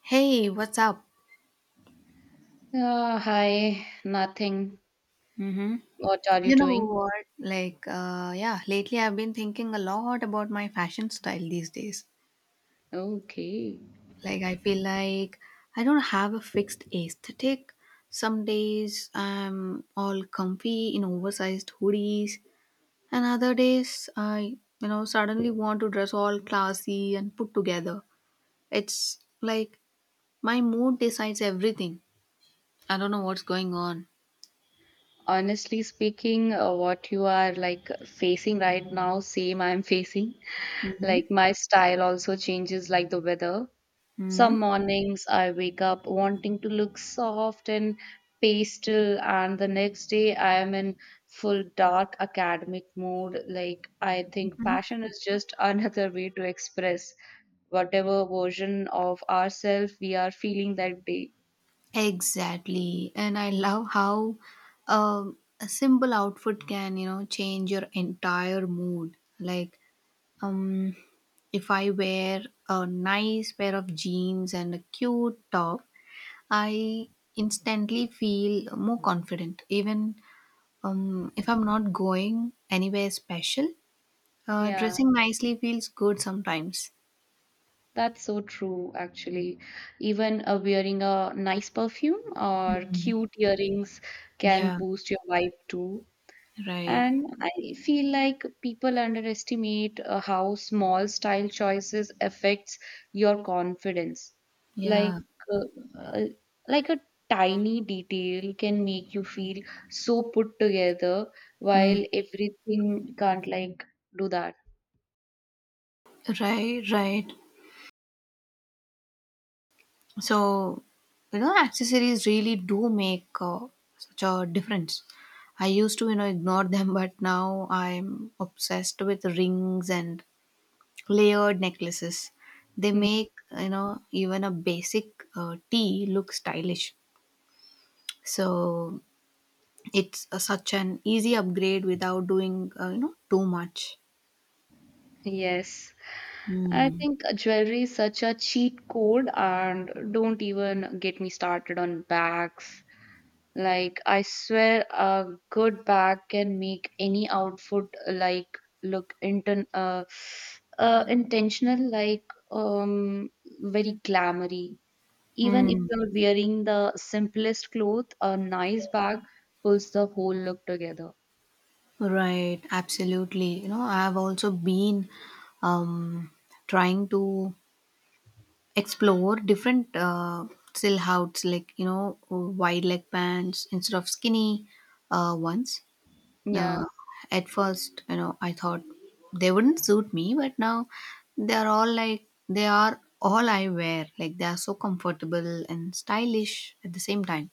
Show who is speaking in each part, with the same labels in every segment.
Speaker 1: Hey, what's up?
Speaker 2: Hi, nothing.
Speaker 1: Mm-hmm.
Speaker 2: What are you
Speaker 1: You know
Speaker 2: doing?
Speaker 1: what? Lately I've been thinking a lot about my fashion style these days.
Speaker 2: Okay.
Speaker 1: Like, I feel like I don't have a fixed aesthetic. Some days I'm all comfy in oversized hoodies, and other days I, you know, suddenly want to dress all classy and put together. It's like my mood decides everything. I don't know what's going on.
Speaker 2: Honestly speaking, what you are like facing right now, same I'm facing.
Speaker 1: Mm-hmm.
Speaker 2: Like my style also changes like the weather.
Speaker 1: Mm-hmm.
Speaker 2: Some mornings I wake up wanting to look soft and pastel, and the next day I am in full dark academic mood. Like, I think fashion is just another way to express whatever version of ourselves we are feeling that day.
Speaker 1: Exactly. And I love how a simple outfit can, you know, change your entire mood. Um, if I wear a nice pair of jeans and a cute top, I instantly feel more confident. Even, if I'm not going anywhere special,
Speaker 2: Yeah,
Speaker 1: dressing nicely feels good sometimes.
Speaker 2: that's so true, actually. Even wearing a nice perfume or cute earrings can
Speaker 1: Yeah,
Speaker 2: boost your vibe too.
Speaker 1: right.
Speaker 2: And I feel like people underestimate how small style choices affects your confidence. Like
Speaker 1: Yeah.
Speaker 2: uh, uh, like a tiny detail can make you feel so put together while
Speaker 1: Mm.
Speaker 2: everything can't like do that.
Speaker 1: Right, right. So, you know, accessories really do make, such a difference. I used to, you know, ignore them, but now I'm obsessed with rings and layered necklaces. They
Speaker 2: Mm,
Speaker 1: make, you know, even a basic tea look stylish. So, it's, such an easy upgrade without doing, you know, too much.
Speaker 2: yes. I
Speaker 1: Hmm.
Speaker 2: think jewelry is such a cheat code and don't even get me started on bags. Like I swear a good bag can make any outfit like look intentional, like um very glamoury. Even if
Speaker 1: Mm,
Speaker 2: you're wearing the simplest cloth, a nice bag pulls the whole look together.
Speaker 1: right, absolutely. You know, I've also been, um, trying to explore different silhouettes, like, you know, wide leg pants instead of skinny ones,
Speaker 2: Yeah.
Speaker 1: uh, at first, you know, I thought they wouldn't suit me, but now they are all I wear. Like, they are so comfortable and stylish at the same time.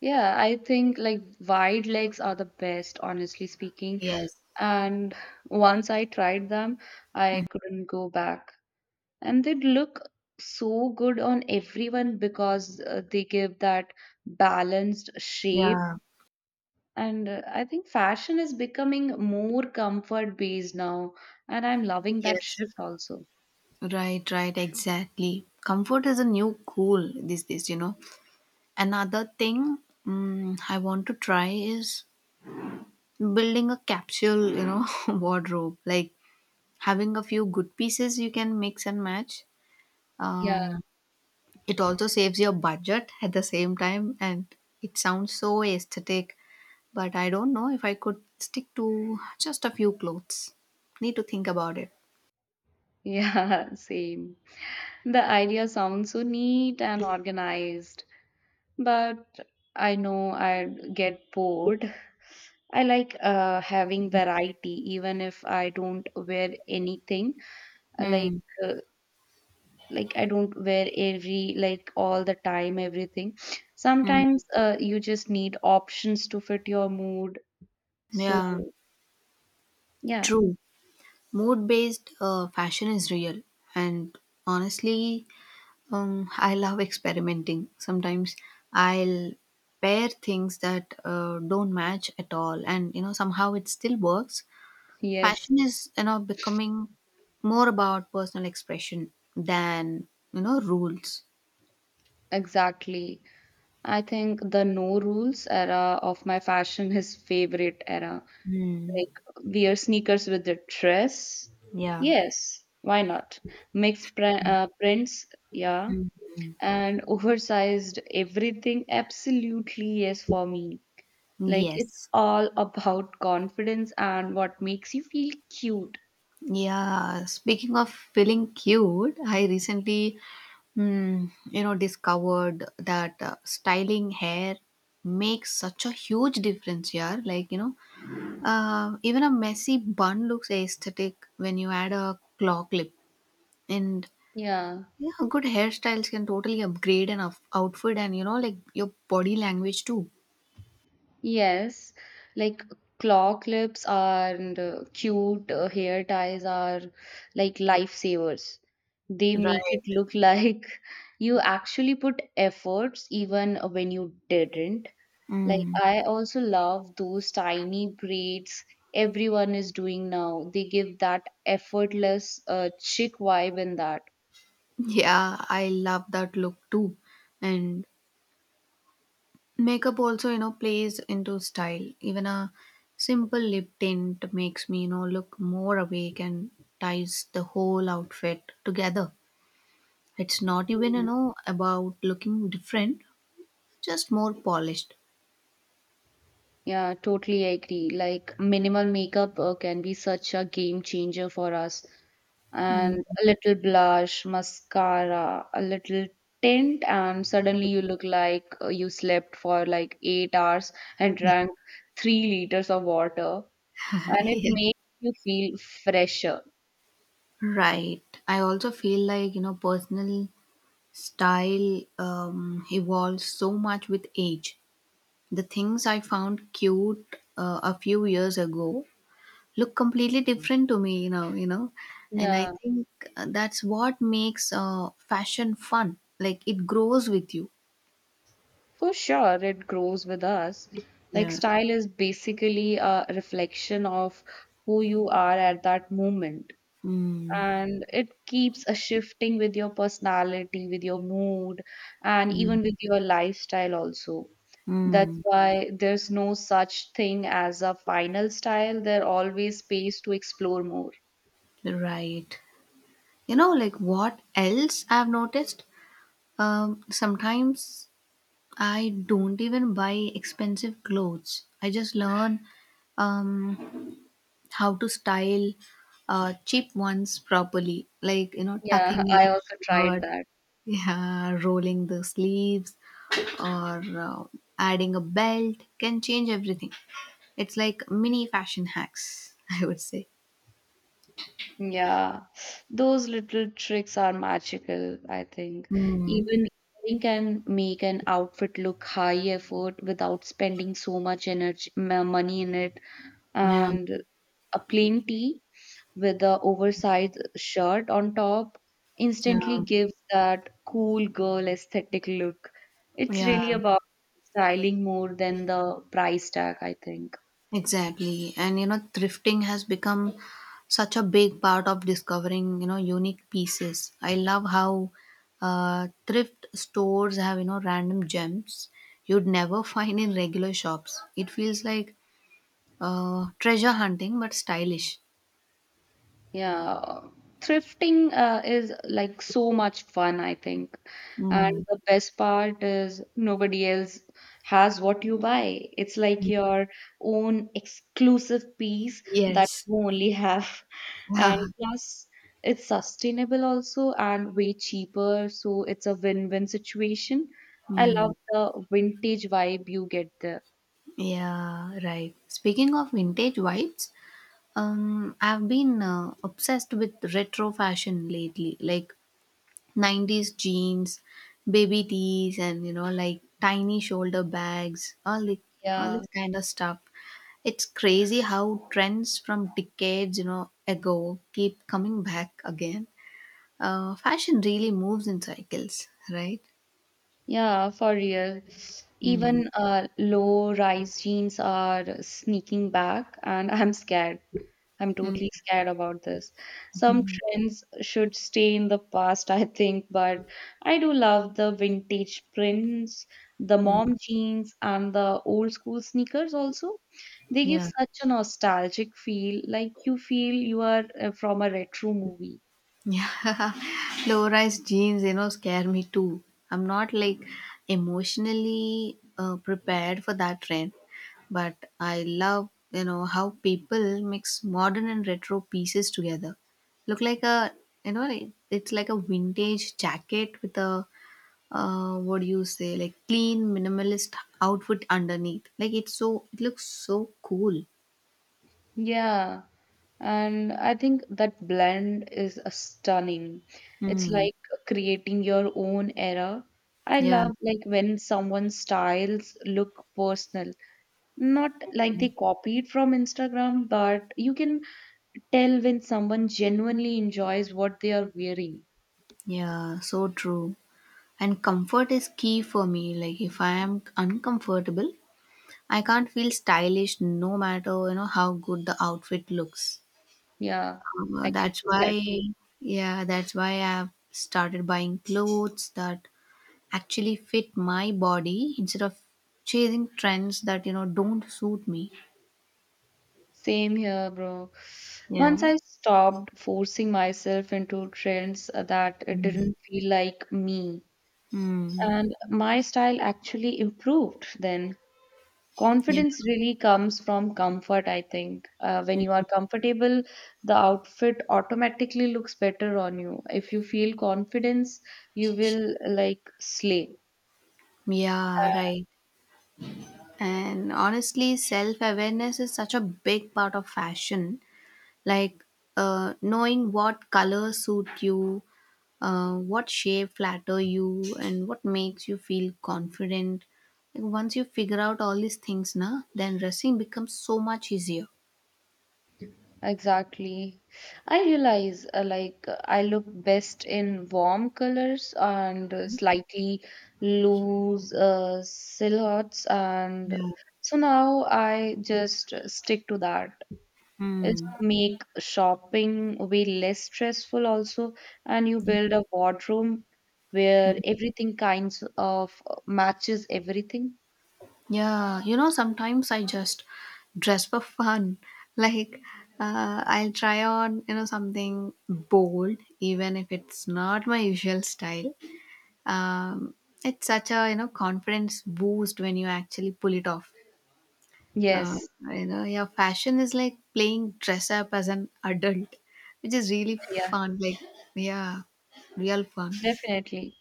Speaker 2: Yeah, I think like wide legs are the best, honestly speaking.
Speaker 1: Yes,
Speaker 2: And once I tried them, I couldn't go back. And they look so good on everyone because they give that balanced shape,
Speaker 1: yeah,
Speaker 2: and I think fashion is becoming more comfort based now, and I'm loving that
Speaker 1: yes,
Speaker 2: shift also.
Speaker 1: right, right, exactly, comfort is a new cool these days, you know. Another thing, I want to try is building a capsule, you know, wardrobe, like having a few good pieces you can mix and match.
Speaker 2: Yeah,
Speaker 1: um, it also saves your budget at the same time, and it sounds so aesthetic, but I don't know if I could stick to just a few clothes. Need to think about it.
Speaker 2: yeah, same. The idea sounds so neat and organized, but I know I get bored. I like having variety even if I don't wear anything, like
Speaker 1: Hmm.
Speaker 2: uh, like I don't wear every like all the time everything.
Speaker 1: Hmm.
Speaker 2: Sometimes you just need options to fit your mood, so
Speaker 1: Yeah,
Speaker 2: yeah.
Speaker 1: true. Mood based fashion is real. And honestly, I love experimenting. Sometimes I'll pair things that don't match at all, and you know somehow it still works.
Speaker 2: Yes,
Speaker 1: Fashion is, you know, becoming more about personal expression than, you know, rules.
Speaker 2: exactly. I think the no rules era of my fashion is favorite era.
Speaker 1: Mm,
Speaker 2: Like wear sneakers with the dress,
Speaker 1: yeah.
Speaker 2: yes, why not. Mix prints, yeah,
Speaker 1: Mm.
Speaker 2: and oversized everything, absolutely yes for me. Like it's
Speaker 1: Yes.
Speaker 2: all about confidence and what makes you feel cute.
Speaker 1: Yeah. Speaking of feeling cute, I recently, you know, discovered that styling hair makes such a huge difference, yeah. Like, you know, even a messy bun looks aesthetic when you add a claw clip. And
Speaker 2: Yeah.
Speaker 1: yeah, good hairstyles can totally upgrade an outfit and, you know, like your body language too.
Speaker 2: Yes. Like claw clips and cute hair ties are like lifesavers. They make
Speaker 1: Right.
Speaker 2: it look like you actually put efforts even when you didn't. Like
Speaker 1: Mm.
Speaker 2: I also love those tiny braids everyone is doing now. They give that effortless chick vibe in that.
Speaker 1: Yeah, I love that look too. And makeup also, you know, plays into style. Even a simple lip tint makes me, you know, look more awake and ties the whole outfit together. It's not even, you know, about looking different, just more polished.
Speaker 2: Yeah, totally agree. Like minimal makeup can be such a game changer for us. And
Speaker 1: Mm.
Speaker 2: a little blush, mascara, a little tint, and suddenly you look like you slept for like 8 hours and drank 3 liters of water. And it
Speaker 1: Yeah.
Speaker 2: makes you feel fresher.
Speaker 1: Right, I also feel like, you know, personal style evolves so much with age. The things I found cute a few years ago look completely different to me now, you know. And I
Speaker 2: Yeah,
Speaker 1: think that's what makes fashion fun, like it grows with you.
Speaker 2: for sure, it grows with us. Like
Speaker 1: Yeah.
Speaker 2: style is basically a reflection of who you are at that moment.
Speaker 1: Mm.
Speaker 2: And it keeps a shifting with your personality, with your mood, and
Speaker 1: Mm.
Speaker 2: even with your lifestyle also. That's
Speaker 1: Mm.
Speaker 2: why there's no such thing as a final style. There always space to explore more.
Speaker 1: Right, you know, like what else I've noticed, sometimes I don't even buy expensive clothes, I just learn um, how to style cheap ones properly, like, you know,
Speaker 2: Yeah,
Speaker 1: tucking in
Speaker 2: I
Speaker 1: a
Speaker 2: also tried
Speaker 1: shirt.
Speaker 2: that.
Speaker 1: Yeah, rolling the sleeves, or adding a belt can change everything. It's like mini fashion hacks, I would say.
Speaker 2: Yeah, those little tricks are magical, I think.
Speaker 1: Mm,
Speaker 2: Even you can make an outfit look high effort without spending so much energy, money in it.
Speaker 1: yeah,
Speaker 2: And a plain tee with the oversized shirt on top
Speaker 1: yeah,
Speaker 2: instantly gives that cool girl aesthetic look. It's
Speaker 1: yeah,
Speaker 2: really about styling more than the price tag, I think.
Speaker 1: exactly. And you know, thrifting has become such a big part of discovering, you know, unique pieces. I love how thrift stores have, you know, random gems you'd never find in regular shops. It feels like treasure hunting, but stylish.
Speaker 2: Yeah, thrifting is like so much fun, I think. And
Speaker 1: Mm.
Speaker 2: the best part is nobody else has what you buy. It's like your own exclusive piece that
Speaker 1: Yes.
Speaker 2: you only have. And
Speaker 1: Yeah.
Speaker 2: plus, it's sustainable also and way cheaper. So it's a win-win situation. I
Speaker 1: Mm,
Speaker 2: love the vintage vibe you get there.
Speaker 1: yeah, right. Speaking of vintage vibes, I've been obsessed with retro fashion lately, like 90s jeans, baby tees, and you know, like tiny shoulder bags, all
Speaker 2: Yeah.
Speaker 1: this kind of stuff. It's crazy how trends from decades, you know, ago keep coming back again. Fashion really moves in cycles, right?
Speaker 2: Yeah, for real.
Speaker 1: Mm,
Speaker 2: Even low-rise jeans are sneaking back, and I'm scared. I'm
Speaker 1: mm,
Speaker 2: totally scared about this. Some trends should stay in the past, I think, but I do love the vintage prints, the
Speaker 1: mm,
Speaker 2: mom jeans, and the old school sneakers also. They give
Speaker 1: yeah.
Speaker 2: such a nostalgic feel, like you feel you are from a retro movie.
Speaker 1: Yeah, low rise jeans, you know, scare me too. I'm not like emotionally prepared for that trend, but I love, you know, how people mix modern and retro pieces together. Look like you know, it's like a vintage jacket with a, what do you say, like clean minimalist outfit underneath. Like it's so, it looks so cool.
Speaker 2: Yeah. And I think that blend is a stunning. It's
Speaker 1: Mm.
Speaker 2: like creating your own era. I
Speaker 1: Yeah,
Speaker 2: love like when someone's styles look personal, not like they copied from Instagram, but you can tell when someone genuinely enjoys what they are wearing.
Speaker 1: yeah, so true. And comfort is key for me, like if I am uncomfortable, I can't feel stylish, no matter, you know, how good the outfit looks.
Speaker 2: Yeah, I can
Speaker 1: That's
Speaker 2: feel
Speaker 1: why
Speaker 2: that too.
Speaker 1: Yeah, that's why I've started buying clothes that actually fit my body instead of chasing trends that, you know, don't suit me.
Speaker 2: Same here, bro. Once
Speaker 1: Yeah.
Speaker 2: I stopped forcing myself into trends that
Speaker 1: Mm.
Speaker 2: didn't feel like me,
Speaker 1: Mm.
Speaker 2: and my style actually improved. Then
Speaker 1: Yeah.
Speaker 2: confidence really comes from comfort, I think. When you are
Speaker 1: Mm.
Speaker 2: comfortable, the outfit automatically looks better on you. If you feel confidence, you will like slay.
Speaker 1: Yeah,
Speaker 2: Uh,
Speaker 1: right. And honestly, self awareness is such a big part of fashion. Like, knowing what color suit you, what shape flatter you, and what makes you feel confident. Like once you figure out all these things na, then dressing becomes so much easier.
Speaker 2: Exactly. I realize like I look best in warm colors and slightly loose silhouettes, and
Speaker 1: Yeah.
Speaker 2: so now I just stick to that. Is
Speaker 1: Hmm.
Speaker 2: to make shopping way less stressful also, and you build a wardrobe where everything kinds of matches everything.
Speaker 1: Yeah, you know, sometimes I just dress for fun, like I'll try on, you know, something bold even if it's not my usual style. Um, it's such a, you know, confidence boost when you actually pull it off. Uh,
Speaker 2: Yes,
Speaker 1: you know, yeah, fashion is like playing dress up as an adult, which is really
Speaker 2: yeah,
Speaker 1: fun. Like, yeah, real fun.
Speaker 2: definitely.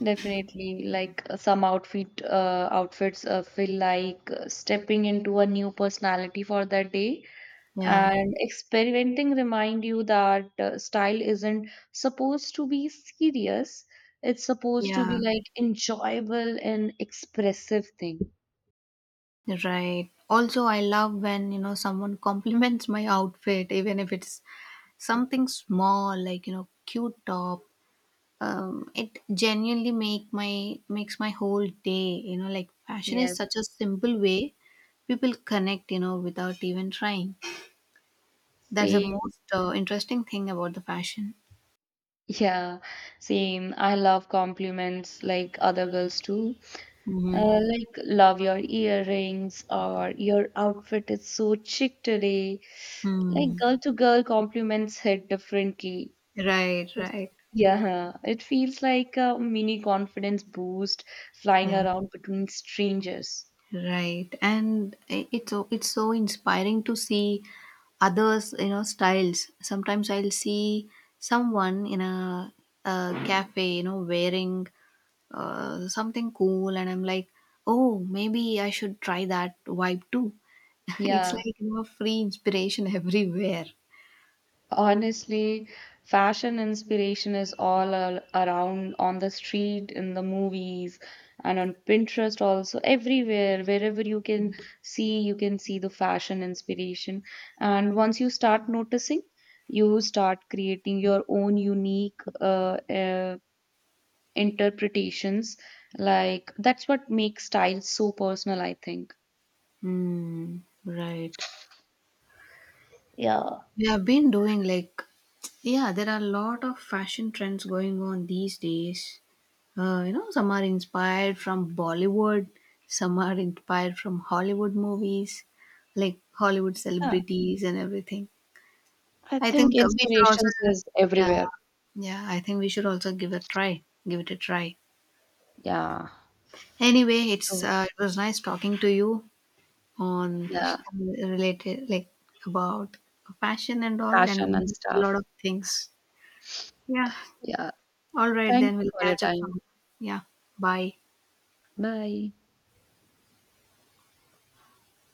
Speaker 2: Definitely, like some outfits feel like stepping into a new personality for that day.
Speaker 1: Yeah,
Speaker 2: And experimenting remind you that style isn't supposed to be serious, it's supposed to be
Speaker 1: yeah,
Speaker 2: like enjoyable and expressive thing.
Speaker 1: right. Also, I love when, you know, someone compliments my outfit, even if it's something small, like, you know, cute top. It genuinely make my makes my whole day. You know, like fashion is
Speaker 2: Yes,
Speaker 1: such a simple way people connect, you know, without even trying. That's the
Speaker 2: same.
Speaker 1: most interesting thing about the fashion.
Speaker 2: Yeah, same, I love compliments like other girls too.
Speaker 1: Hmm.
Speaker 2: Like love your earrings or your outfit is so chic today. Like
Speaker 1: Hmm.
Speaker 2: girl to girl compliments hit differently.
Speaker 1: Right,
Speaker 2: It's
Speaker 1: right.
Speaker 2: yeah, huh. It feels like a mini confidence boost flying
Speaker 1: Yeah,
Speaker 2: around between strangers.
Speaker 1: right. And it's so inspiring to see others, you know, styles. Sometimes I'll see someone in a cafe, you know, wearing something cool, and I'm like, oh, maybe I should try that vibe too. It's
Speaker 2: Yeah,
Speaker 1: like, you know, free inspiration everywhere.
Speaker 2: honestly, fashion inspiration is all around on the street, in the movies, and on Pinterest also, everywhere, wherever you can see the fashion inspiration. And once you start noticing, you start creating your own unique interpretations. Like, that's what makes style so personal, I think.
Speaker 1: Mm, right.
Speaker 2: Yeah.
Speaker 1: We have been doing like, yeah, there are a lot of fashion trends going on these days. You know, some are inspired from Bollywood, some are inspired from Hollywood movies, like Hollywood
Speaker 2: Yeah,
Speaker 1: celebrities and everything.
Speaker 2: I
Speaker 1: I
Speaker 2: think
Speaker 1: think we should also,
Speaker 2: inspirations is
Speaker 1: yeah,
Speaker 2: everywhere.
Speaker 1: yeah, I think we should also give a try, give it a try.
Speaker 2: Yeah.
Speaker 1: Anyway,
Speaker 2: So,
Speaker 1: it was nice talking to you. On
Speaker 2: yeah,
Speaker 1: related, like, about fashion and all and
Speaker 2: fashion and
Speaker 1: a lot
Speaker 2: stuff.
Speaker 1: of things. Yeah.
Speaker 2: Yeah.
Speaker 1: All right,
Speaker 2: Thank
Speaker 1: then
Speaker 2: you
Speaker 1: we'll
Speaker 2: for your
Speaker 1: catch up
Speaker 2: time.
Speaker 1: some. Yeah. Bye.
Speaker 2: Bye.